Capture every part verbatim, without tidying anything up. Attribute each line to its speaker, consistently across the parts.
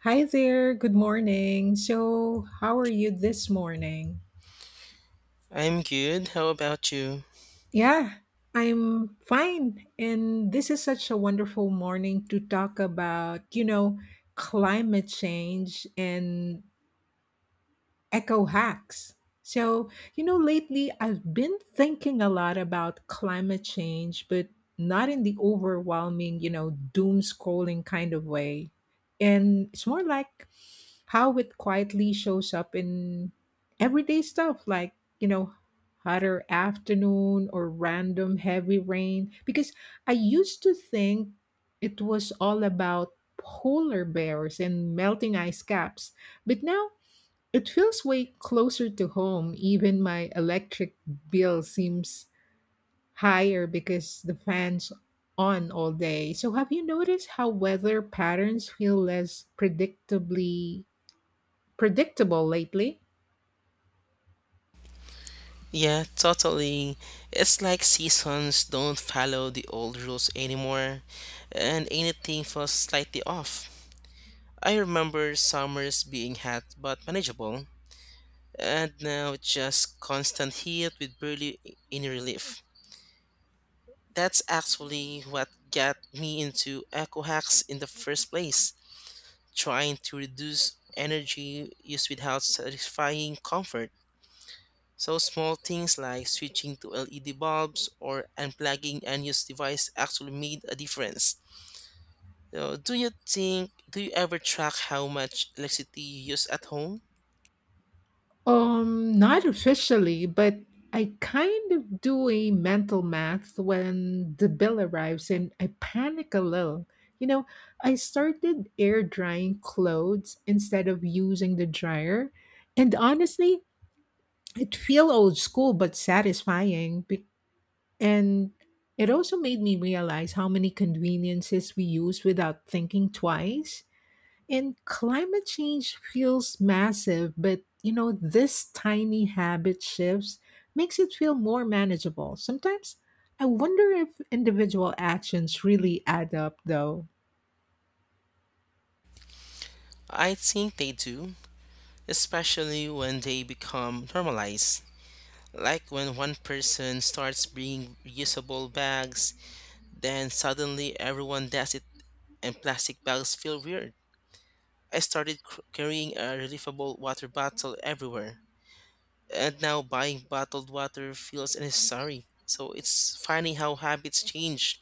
Speaker 1: Hi there, good morning. So, how are you this morning?
Speaker 2: I'm good. How about you?
Speaker 1: Yeah, I'm fine. And this is such a wonderful morning to talk about, you know, climate change and eco hacks. So, you know, lately I've been thinking a lot about climate change, but not in the overwhelming, you know, doom scrolling kind of way. And it's more like how it quietly shows up in everyday stuff like you know hotter afternoon or random heavy rain, because I used to think it was all about polar bears and melting ice caps, but now it feels way closer to home. Even my electric bill seems higher because the fans on all day. So have you noticed how weather patterns feel less predictably predictable lately?
Speaker 2: Yeah, totally. It's like seasons don't follow the old rules anymore, and anything feels slightly off. I remember summers being hot but manageable, and now it's just constant heat with barely any relief. That's actually what got me into eco hacks in the first place, trying to reduce energy use without satisfying comfort. So small things like switching to L E D bulbs or unplugging unused device actually made a difference. So do you think do you ever track how much electricity you use at home?
Speaker 1: Um, not officially, but I kind of do a mental math when the bill arrives and I panic a little. You know, I started air drying clothes instead of using the dryer. And honestly, it feel old school but satisfying. Be- And it also made me realize how many conveniences we use without thinking twice. And climate change feels massive, but you know, this tiny habit shifts makes it feel more manageable. Sometimes I wonder if individual actions really add up though.
Speaker 2: I think they do, especially when they become normalized. Like when one person starts bringing reusable bags, then suddenly everyone does it and plastic bags feel weird. I started cr- carrying a refillable water bottle everywhere. And now buying bottled water feels necessary. So it's funny how habits change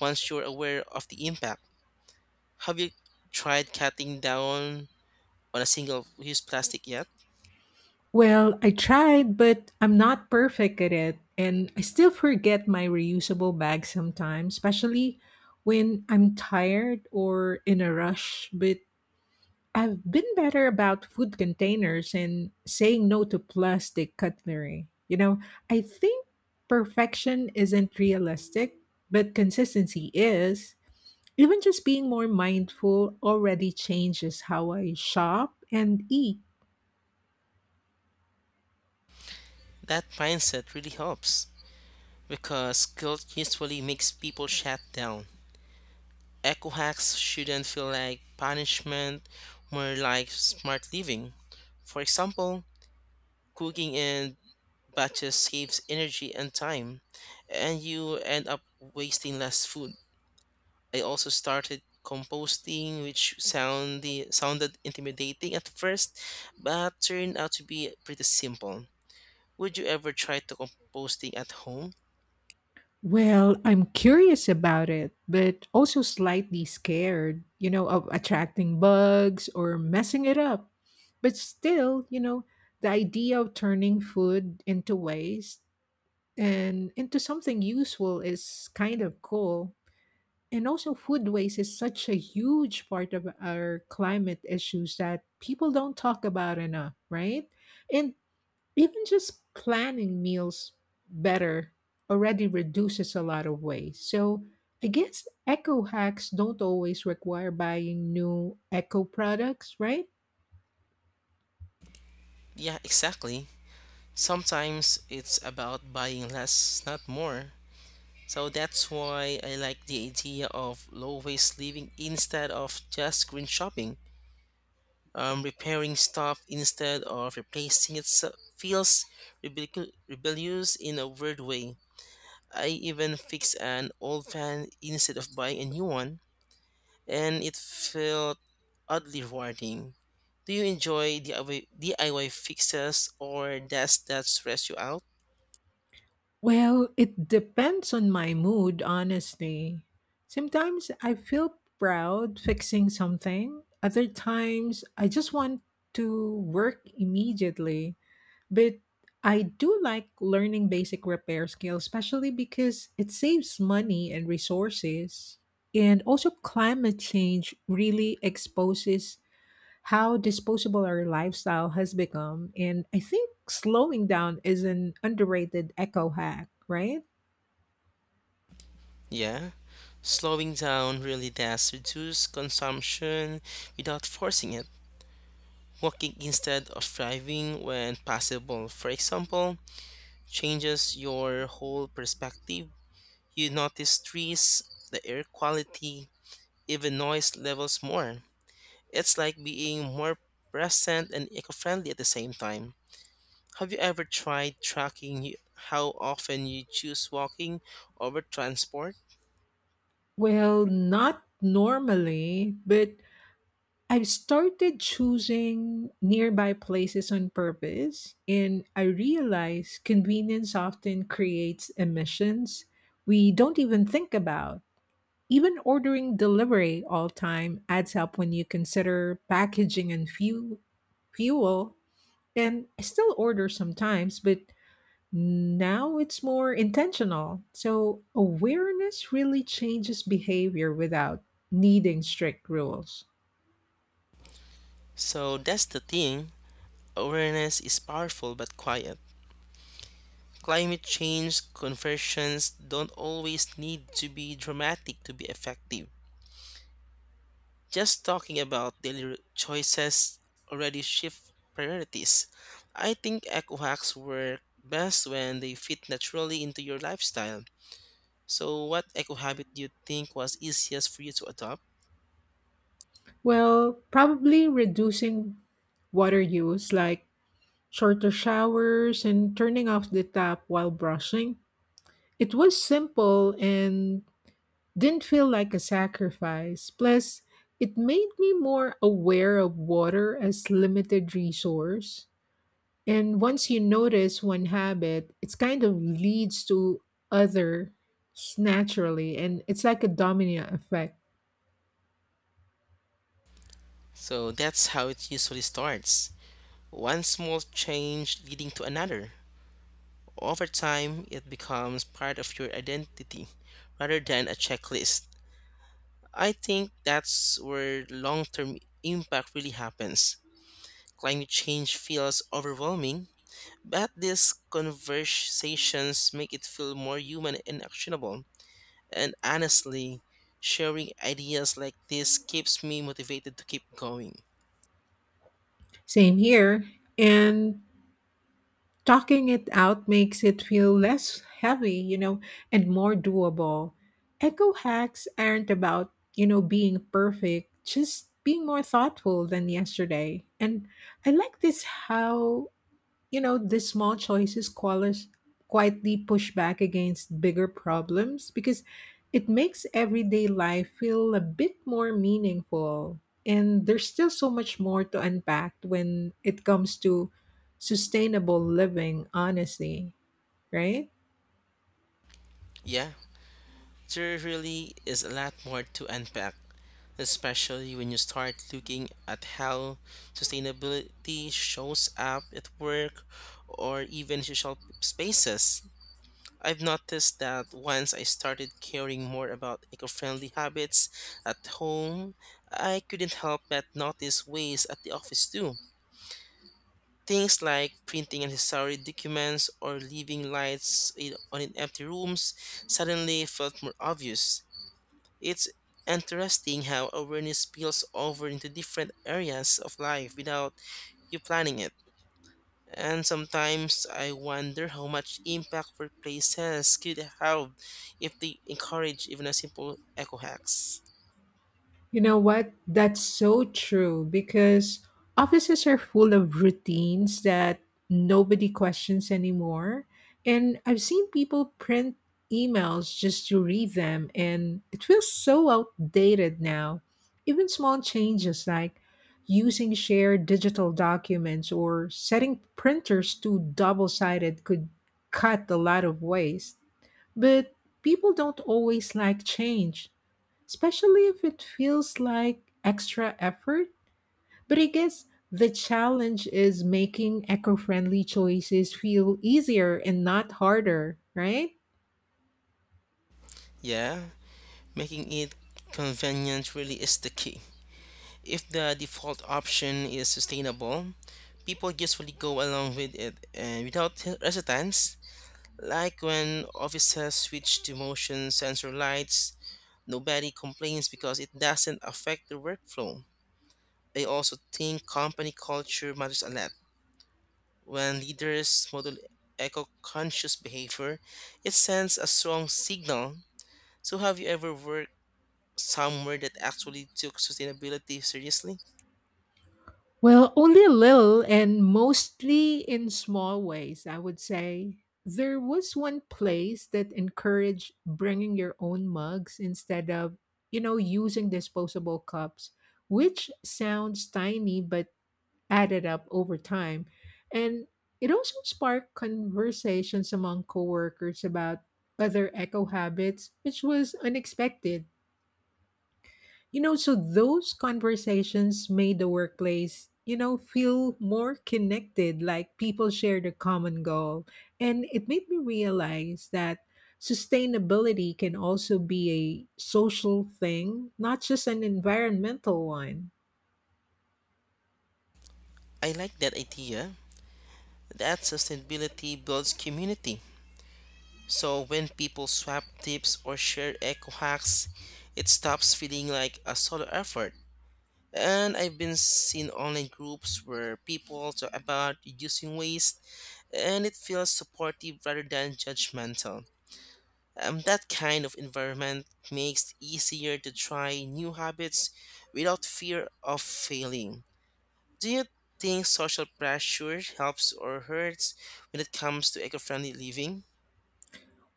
Speaker 2: once you're aware of the impact. Have you tried cutting down on a single use plastic yet?
Speaker 1: Well, I tried, but I'm not perfect at it, and I still forget my reusable bag sometimes, especially when I'm tired or in a rush. But I've been better about food containers and saying no to plastic cutlery. You know, I think perfection isn't realistic, but consistency is. Even just being more mindful already changes how I shop and eat.
Speaker 2: That mindset really helps because guilt usually makes people shut down. Eco hacks shouldn't feel like punishment, more like smart living. For example, cooking and batches saves energy and time, and you end up wasting less food. I also started composting, which sounded sounded intimidating at first, but turned out to be pretty simple. Would you ever try to composting at home?
Speaker 1: Well, I'm curious about it, but also slightly scared, you know, of attracting bugs or messing it up. But still, you know, the idea of turning food into waste and into something useful is kind of cool. And also, food waste is such a huge part of our climate issues that people don't talk about enough, right? And even just planning meals better already reduces a lot of waste. So, I guess eco hacks don't always require buying new eco products, right?
Speaker 2: Yeah, exactly. Sometimes it's about buying less, not more. So that's why I like the idea of low waste living instead of just green shopping. Um, repairing stuff instead of replacing it so- feels rebellic- rebellious in a weird way. I even fixed an old fan instead of buying a new one, and it felt oddly rewarding. Do you enjoy DIY, DIY fixes or does that stress you out?
Speaker 1: Well, it depends on my mood, honestly. Sometimes I feel proud fixing something, other times I just want to work immediately. But I do like learning basic repair skills, especially because it saves money and resources. And also, climate change really exposes how disposable our lifestyle has become. And I think slowing down is an underrated eco hack, right?
Speaker 2: Yeah, slowing down really does reduce consumption without forcing it. Walking instead of driving when possible, for example, changes your whole perspective. You notice trees, the air quality, even noise levels more. It's like being more present and eco friendly at the same time. Have you ever tried tracking y- how often you choose walking over transport?
Speaker 1: Well, not normally, but I've started choosing nearby places on purpose, and I realize convenience often creates emissions we don't even think about. Even ordering delivery all time adds up when you consider packaging and fuel fuel And I still order sometimes, but now it's more intentional. So awareness really changes behavior without needing strict rules.
Speaker 2: So that's the thing, awareness is powerful but quiet. Climate change conversions don't always need to be dramatic to be effective. Just talking about daily choices already shift priorities. I think eco hacks work best when they fit naturally into your lifestyle. So, what eco habit do you think was easiest for you to adopt?
Speaker 1: Well, probably reducing water use, like shorter showers and turning off the tap while brushing. It was simple and didn't feel like a sacrifice. Plus, it made me more aware of water as limited resource. And once you notice one habit, it's kind of leads to others naturally. And it's like a domino effect.
Speaker 2: So, that's how it usually starts, one small change leading to another. Over time, it becomes part of your identity rather than a checklist. I think that's where long term impact really happens. Climate change feels overwhelming, but these conversations make it feel more human and actionable. And honestly, sharing ideas like this keeps me motivated to keep going.
Speaker 1: Same here. And talking it out makes it feel less heavy, you know, and more doable. Echo hacks aren't about, you know, being perfect, just being more thoughtful than yesterday. And I like this how, You know, these small choices qualis- quietly push back against bigger problems because it makes everyday life feel a bit more meaningful. And there's still so much more to unpack when it comes to sustainable living, honestly, right?
Speaker 2: Yeah, there really is a lot more to unpack, especially when you start looking at how sustainability shows up at work or even social spaces. I've noticed that once I started caring more about eco friendly habits at home, I couldn't help but notice ways at the office too. Things like printing unnecessary documents or leaving lights in, on in empty rooms suddenly felt more obvious. It's interesting how awareness spills over into different areas of life without you planning it. And sometimes I wonder how much impact workplaces could have if they encourage even a simple eco hacks.
Speaker 1: You know what? That's so true because offices are full of routines that nobody questions anymore. And I've seen people print emails just to read them, and it feels so outdated now. Even small changes like using shared digital documents or setting printers to double sided could cut a lot of waste. But people don't always like change, especially if it feels like extra effort. But I guess the challenge is making eco friendly choices feel easier and not harder, right?
Speaker 2: Yeah, making it convenient really is the key. If the default option is sustainable, people usually go along with it and without resistance. Like when offices switch to motion sensor lights, nobody complains because it doesn't affect the workflow. I also think company culture matters a lot. When leaders model eco conscious behavior, it sends a strong signal. So, have you ever worked somewhere that actually took sustainability seriously?
Speaker 1: Well, only a little and mostly in small ways, I would say. There was one place that encouraged bringing your own mugs instead of, you know, using disposable cups, which sounds tiny, but added up over time. And it also sparked conversations among coworkers about other eco habits, which was unexpected. You know, so those conversations made the workplace, you know, feel more connected, like people shared a common goal. And it made me realize that sustainability can also be a social thing, not just an environmental one.
Speaker 2: I like that idea that sustainability builds community. So, when people swap tips or share eco hacks, it stops feeling like a solo effort. And I've been seen online groups where people talk about reducing waste and it feels supportive rather than judgmental. Um, that kind of environment makes it easier to try new habits without fear of failing. Do you think social pressure helps or hurts when it comes to eco friendly living?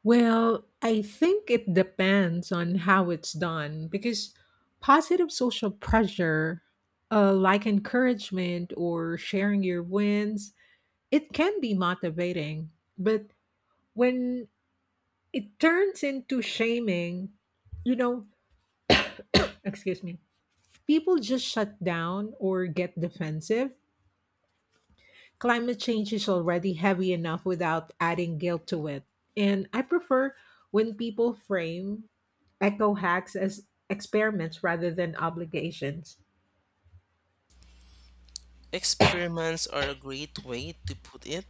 Speaker 1: Well, I think it depends on how it's done, because positive social pressure, uh, like encouragement or sharing your wins, it can be motivating. But when it turns into shaming, you know, excuse me, people just shut down or get defensive. Climate change is already heavy enough without adding guilt to it. And I prefer when people frame eco hacks as experiments rather than obligations.
Speaker 2: Experiments are a great way to put it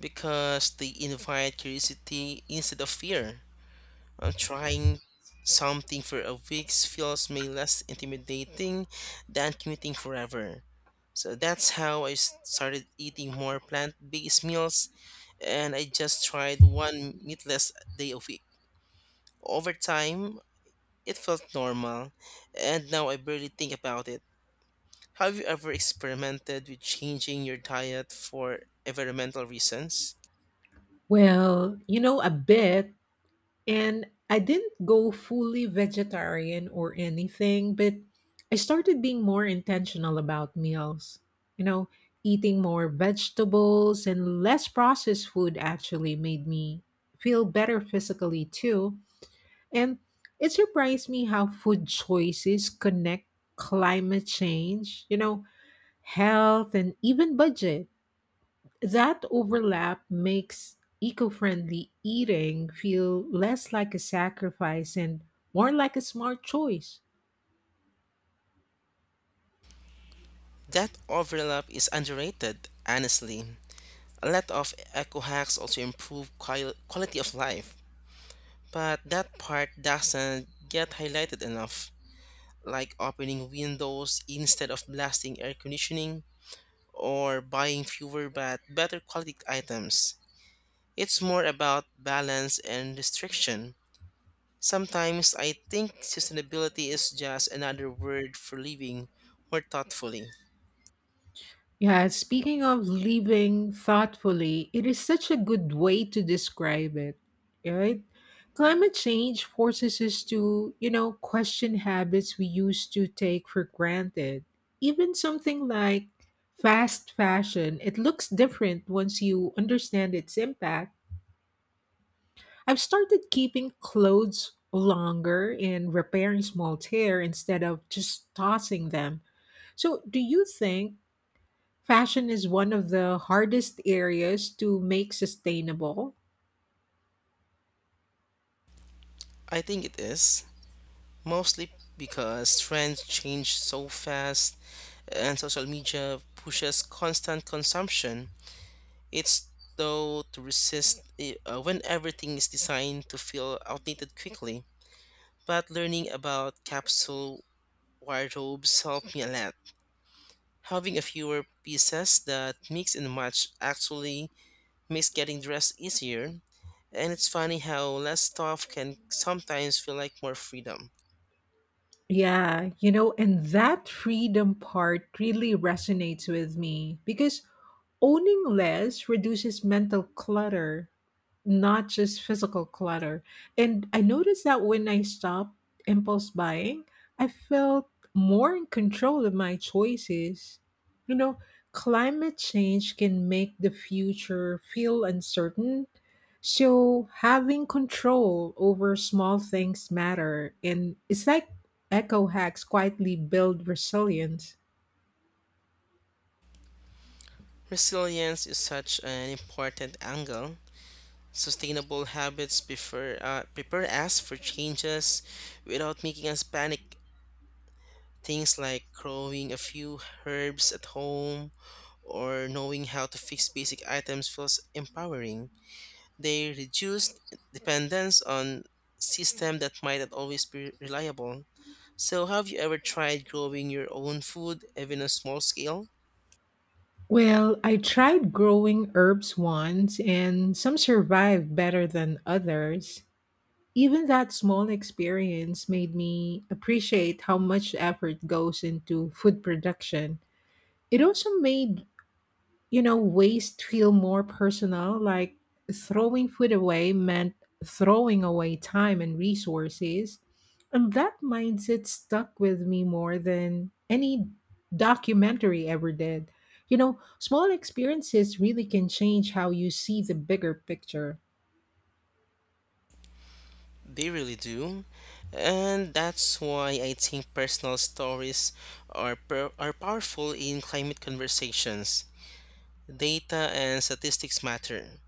Speaker 2: because they invite curiosity instead of fear. Uh, trying something for a week feels may less intimidating than commuting forever. So that's how I s- started eating more plant-based meals, and I just tried one meatless day a week. Over time, it felt normal, and now I barely think about it. Have you ever experimented with changing your diet for environmental reasons?
Speaker 1: Well, you know, a bit. And I didn't go fully vegetarian or anything, but I started being more intentional about meals. You know, eating more vegetables and less processed food actually made me feel better physically too. And it surprised me how food choices connect climate change, you know, health, and even budget. That overlap makes eco friendly eating feel less like a sacrifice and more like a smart choice.
Speaker 2: That overlap is underrated, honestly. A lot of eco hacks also improve quali- quality of life, but that part doesn't get highlighted enough, like opening windows instead of blasting air conditioning or buying fewer but better quality items. It's more about balance and restriction. Sometimes I think sustainability is just another word for living more thoughtfully.
Speaker 1: Yeah, speaking of living thoughtfully, it is such a good way to describe it, right? Climate change forces us to, you know, question habits we used to take for granted. Even something like fast fashion, it looks different once you understand its impact. I've started keeping clothes longer and repairing small tear instead of just tossing them. So, do you think fashion is one of the hardest areas to make sustainable?
Speaker 2: I think it is, mostly because trends change so fast and social media pushes constant consumption. It's though to resist i- uh, when everything is designed to feel outdated quickly. But learning about capsule wardrobes helped me a lot. Having a fewer pieces that mix and match actually makes getting dressed easier. And it's funny how less stuff can sometimes feel like more freedom.
Speaker 1: Yeah, you know, and that freedom part really resonates with me because owning less reduces mental clutter, not just physical clutter. And I noticed that when I stopped impulse buying, I felt more in control of my choices. You know, climate change can make the future feel uncertain. So having control over small things matter and it's like eco hacks quietly build resilience.
Speaker 2: Resilience is such an important angle. Sustainable habits prefer, uh, prepare us for changes without making us panic. Things like growing a few herbs at home or knowing how to fix basic items feels empowering. They reduce dependence on system that might not always be reliable. So have you ever tried growing your own food, even on a small scale?
Speaker 1: Well, I tried growing herbs once, and some survived better than others. Even that small experience made me appreciate how much effort goes into food production. It also made, you know, waste feel more personal. Like throwing food away meant throwing away time and resources. And that mindset stuck with me more than any documentary ever did. You know, small experiences really can change how you see the bigger picture.
Speaker 2: They really do. And that's why I think personal stories are, per- are powerful in climate conversations. Data and statistics matter,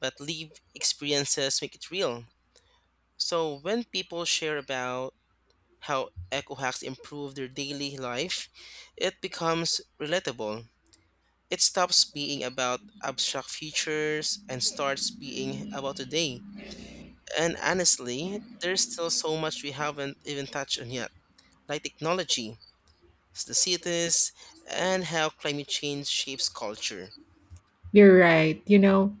Speaker 2: but lived experiences make it real. So when people share about how eco hacks improve their daily life, it becomes relatable. It stops being about abstract futures and starts being about today. And honestly, there's still so much we haven't even touched on yet, like technology, the cities, and how climate change shapes culture?
Speaker 1: You're right. You know,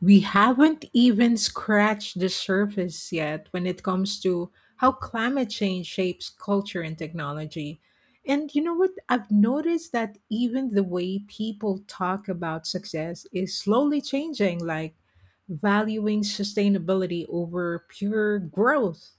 Speaker 1: we haven't even scratched the surface yet when it comes to how climate change shapes culture and technology. And you know what? I've noticed that even the way people talk about success is slowly changing, like valuing sustainability over pure growth.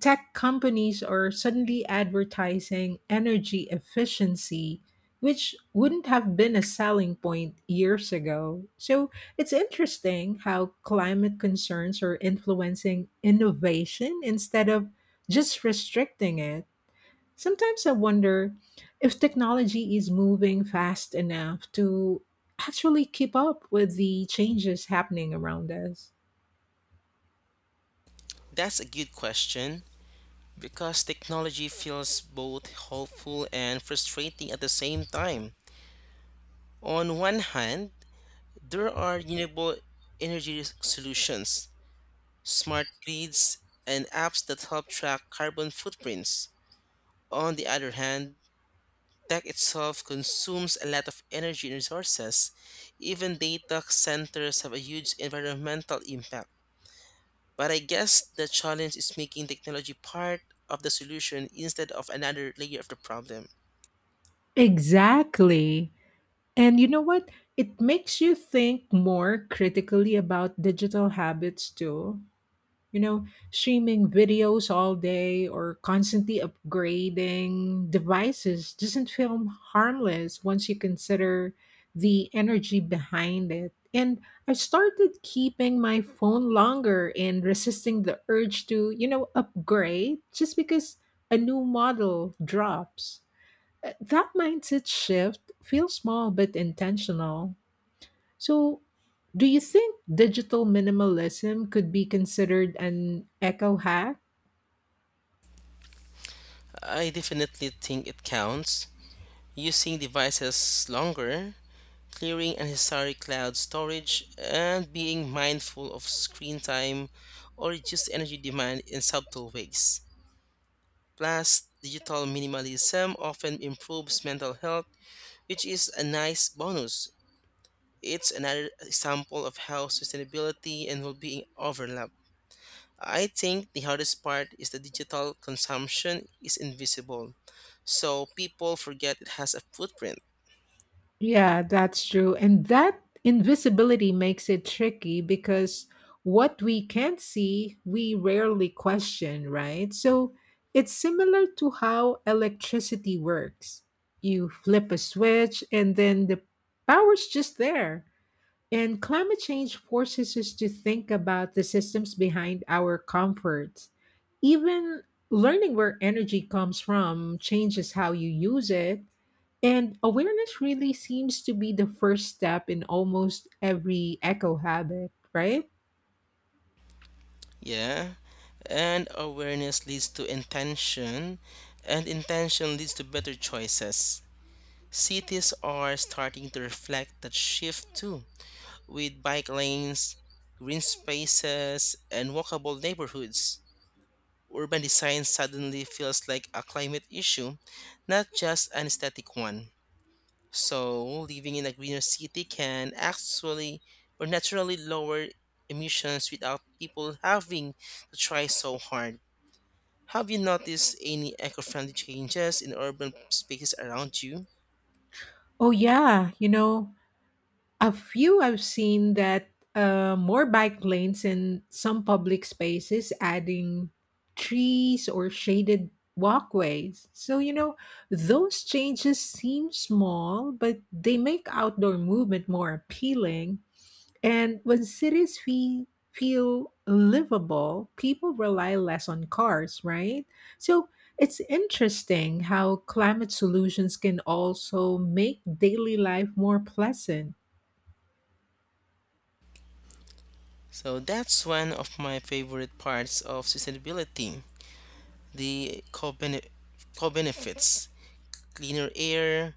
Speaker 1: Tech companies are suddenly advertising energy efficiency, which wouldn't have been a selling point years ago. So it's interesting how climate concerns are influencing innovation instead of just restricting it. Sometimes I wonder if technology is moving fast enough to actually keep up with the changes happening around us.
Speaker 2: That's a good question because technology feels both hopeful and frustrating at the same time. On one hand, there are renewable energy solutions, smart grids, and apps that help track carbon footprints. On the other hand, tech itself consumes a lot of energy and resources. Even data centers have a huge environmental impact. But I guess the challenge is making technology part of the solution instead of another layer of the problem.
Speaker 1: Exactly. And you know what? It makes you think more critically about digital habits too. You know, streaming videos all day or constantly upgrading devices doesn't feel harmless once you consider the energy behind it. And I started keeping my phone longer and resisting the urge to, you know, upgrade just because a new model drops. Uh, That mindset shift feels small but intentional. So, do you think digital minimalism could be considered an eco hack?
Speaker 2: I definitely think it counts. Using devices longer, clearing unnecessary cloud storage, and being mindful of screen time or reduced energy demand in subtle ways. Plus, digital minimalism often improves mental health, which is a nice bonus. It's another example of how sustainability and well being overlap. I think the hardest part is the digital consumption is invisible, so people forget it has a footprint.
Speaker 1: Yeah, that's true. And that invisibility makes it tricky because what we can't see, we rarely question, right? So it's similar to how electricity works. You flip a switch and then the power's just there. And climate change forces us to think about the systems behind our comforts. Even learning where energy comes from changes how you use it. And awareness really seems to be the first step in almost every eco habit, right?
Speaker 2: Yeah, and awareness leads to intention, and intention leads to better choices. Cities are starting to reflect that shift too, with bike lanes, green spaces, and walkable neighborhoods. Urban design suddenly feels like a climate issue, not just an aesthetic one. So, living in a greener city can actually or naturally lower emissions without people having to try so hard. Have you noticed any eco friendly changes in urban spaces around you?
Speaker 1: Oh, yeah. You know, a few I've seen that, uh, more bike lanes in some public spaces, adding trees or shaded walkways. So, you know, those changes seem small, but they make outdoor movement more appealing. And when cities fe- feel livable, people rely less on cars, right? So, it's interesting how climate solutions can also make daily life more pleasant.
Speaker 2: So, that's one of my favorite parts of sustainability, the co benefits. Cleaner air,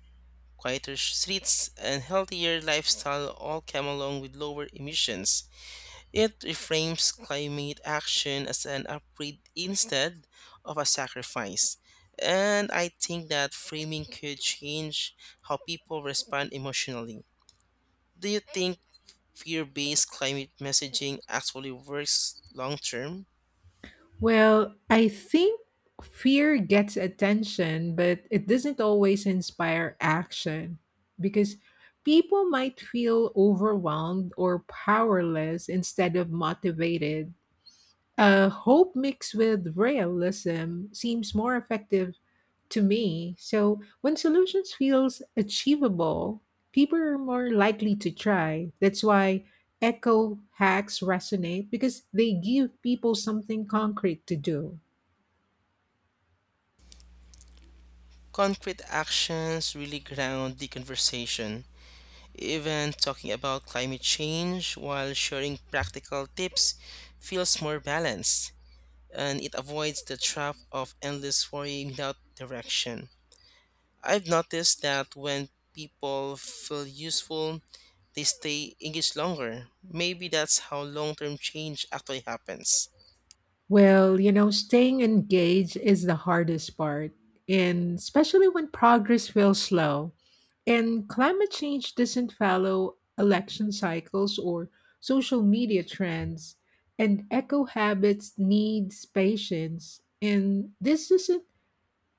Speaker 2: quieter streets, and healthier lifestyle all come along with lower emissions. It reframes climate action as an upgrade instead of a sacrifice. And I think that framing could change how people respond emotionally. Do you think fear based climate messaging actually works long term?
Speaker 1: Well, I think fear gets attention, but it doesn't always inspire action because people might feel overwhelmed or powerless instead of motivated. Uh, hope mixed with realism seems more effective to me. So when solutions feels achievable, people are more likely to try. That's why echo hacks resonate because they give people something concrete to do.
Speaker 2: Concrete actions really ground the conversation. Even talking about climate change while sharing practical tips feels more balanced, and it avoids the trap of endless worrying without direction. I've noticed that when people feel useful, they stay engaged longer. Maybe that's how long term change actually happens.
Speaker 1: Well, you know, staying engaged is the hardest part, and especially when progress feels slow. And climate change doesn't follow election cycles or social media trends, and eco habits needs patience. And this isn't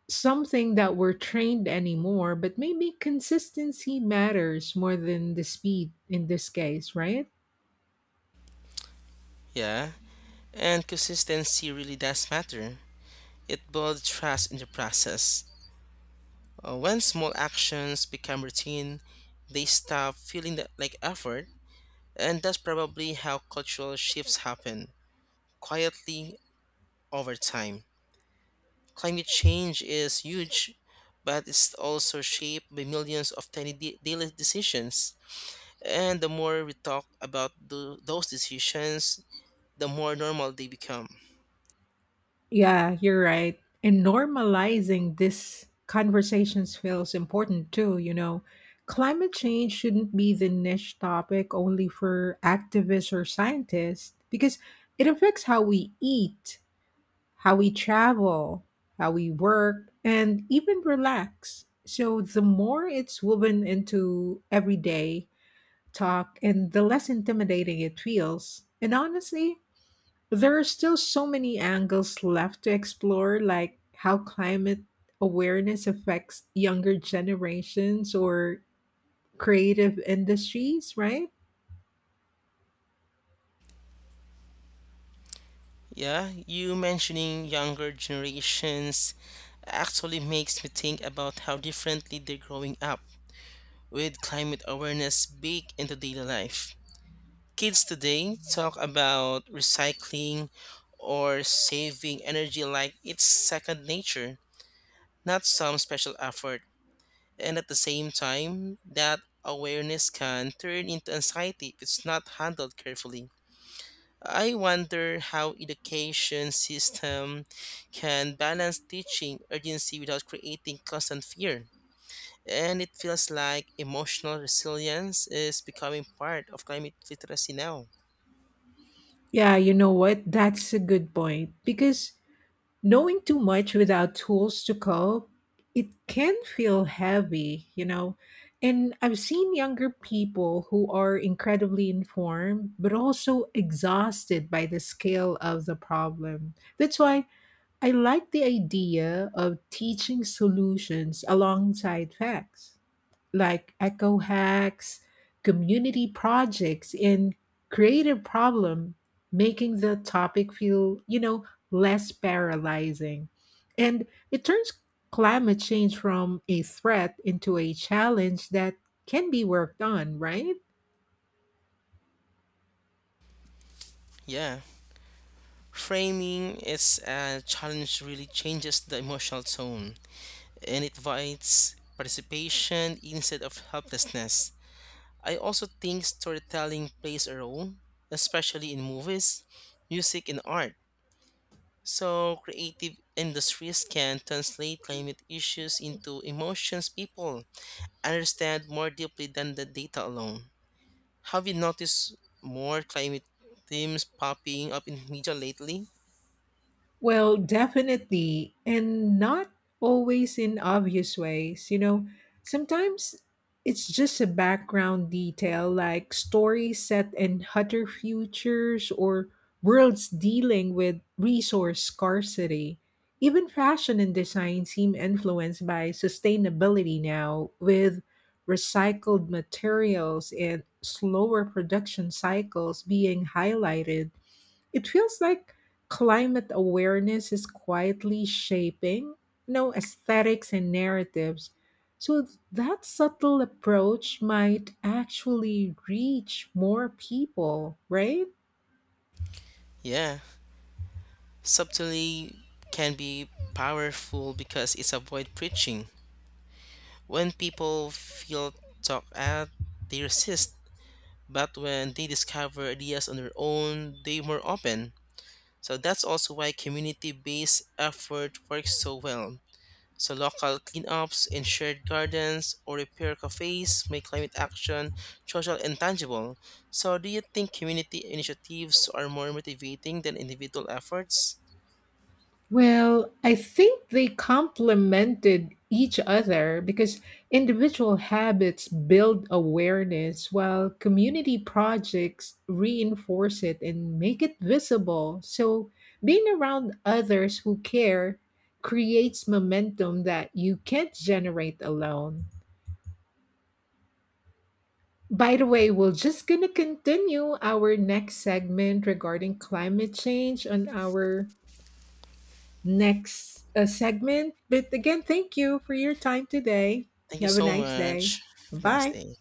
Speaker 1: something that we're trained anymore, but maybe consistency matters more than the speed in this case, right?
Speaker 2: Yeah, and consistency really does matter. It builds trust in the process. Uh, when small actions become routine, they stop feeling that, like effort, and that's probably how cultural shifts happen quietly over time. Climate change is huge, but it's also shaped by millions of tiny da- daily decisions. And the more we talk about tho- those decisions, the more normal they become.
Speaker 1: Yeah, you're right. And normalizing these conversations feels important too, you know. Climate change shouldn't be the niche topic only for activists or scientists, because it affects how we eat, how we travel, how we work, and even relax. So the more it's woven into everyday talk and the less intimidating it feels. And honestly, there are still so many angles left to explore, like how climate awareness affects younger generations or creative industries, right?
Speaker 2: Yeah, you mentioning younger generations actually makes me think about how differently they're growing up with climate awareness baked into daily life. Kids today talk about recycling or saving energy like it's second nature, not some special effort. And at the same time, that awareness can turn into anxiety if it's not handled carefully. I wonder how education system can balance teaching urgency without creating constant fear. And it feels like emotional resilience is becoming part of climate literacy now.
Speaker 1: Yeah, you know what? That's a good point. Because knowing too much without tools to cope, it can feel heavy, you know? And I've seen younger people who are incredibly informed, but also exhausted by the scale of the problem. That's why I like the idea of teaching solutions alongside facts, like eco hacks, community projects, and creative problem, making the topic feel, you know, less paralyzing. And it turns climate change from a threat into a challenge that can be worked on, right?
Speaker 2: Yeah. Framing is a challenge really changes the emotional tone, and it invites participation instead of helplessness. I also think storytelling plays a role, especially in movies, music, and art. So, creative industries can translate climate issues into emotions people understand more deeply than the data alone. Have you noticed more climate themes popping up in media lately?
Speaker 1: Well, definitely, and not always in obvious ways. You know, sometimes it's just a background detail like stories set in hotter futures or worlds dealing with resource scarcity. Even fashion and design seem influenced by sustainability now, with recycled materials and slower production cycles being highlighted. It feels like climate awareness is quietly shaping, you know, aesthetics and narratives. So that subtle approach might actually reach more people, right?
Speaker 2: Yeah, subtlety can be powerful because it's avoid preaching. When people feel talked at, they resist, but when they discover ideas on their own, they're more open. So that's also why community based effort works so well. So local cleanups in shared gardens or repair cafes make climate action social and tangible. So do you think community initiatives are more motivating than individual efforts?
Speaker 1: Well, I think they complemented each other because individual habits build awareness while community projects reinforce it and make it visible. So, being around others who care creates momentum that you can't generate alone. By the way, we're just going to continue our next segment regarding climate change on our next uh, segment. But again, thank you for your time today.
Speaker 2: Thank
Speaker 1: You
Speaker 2: you
Speaker 1: have a
Speaker 2: so
Speaker 1: nice day.
Speaker 2: much. Have a nice
Speaker 1: Bye.
Speaker 2: day.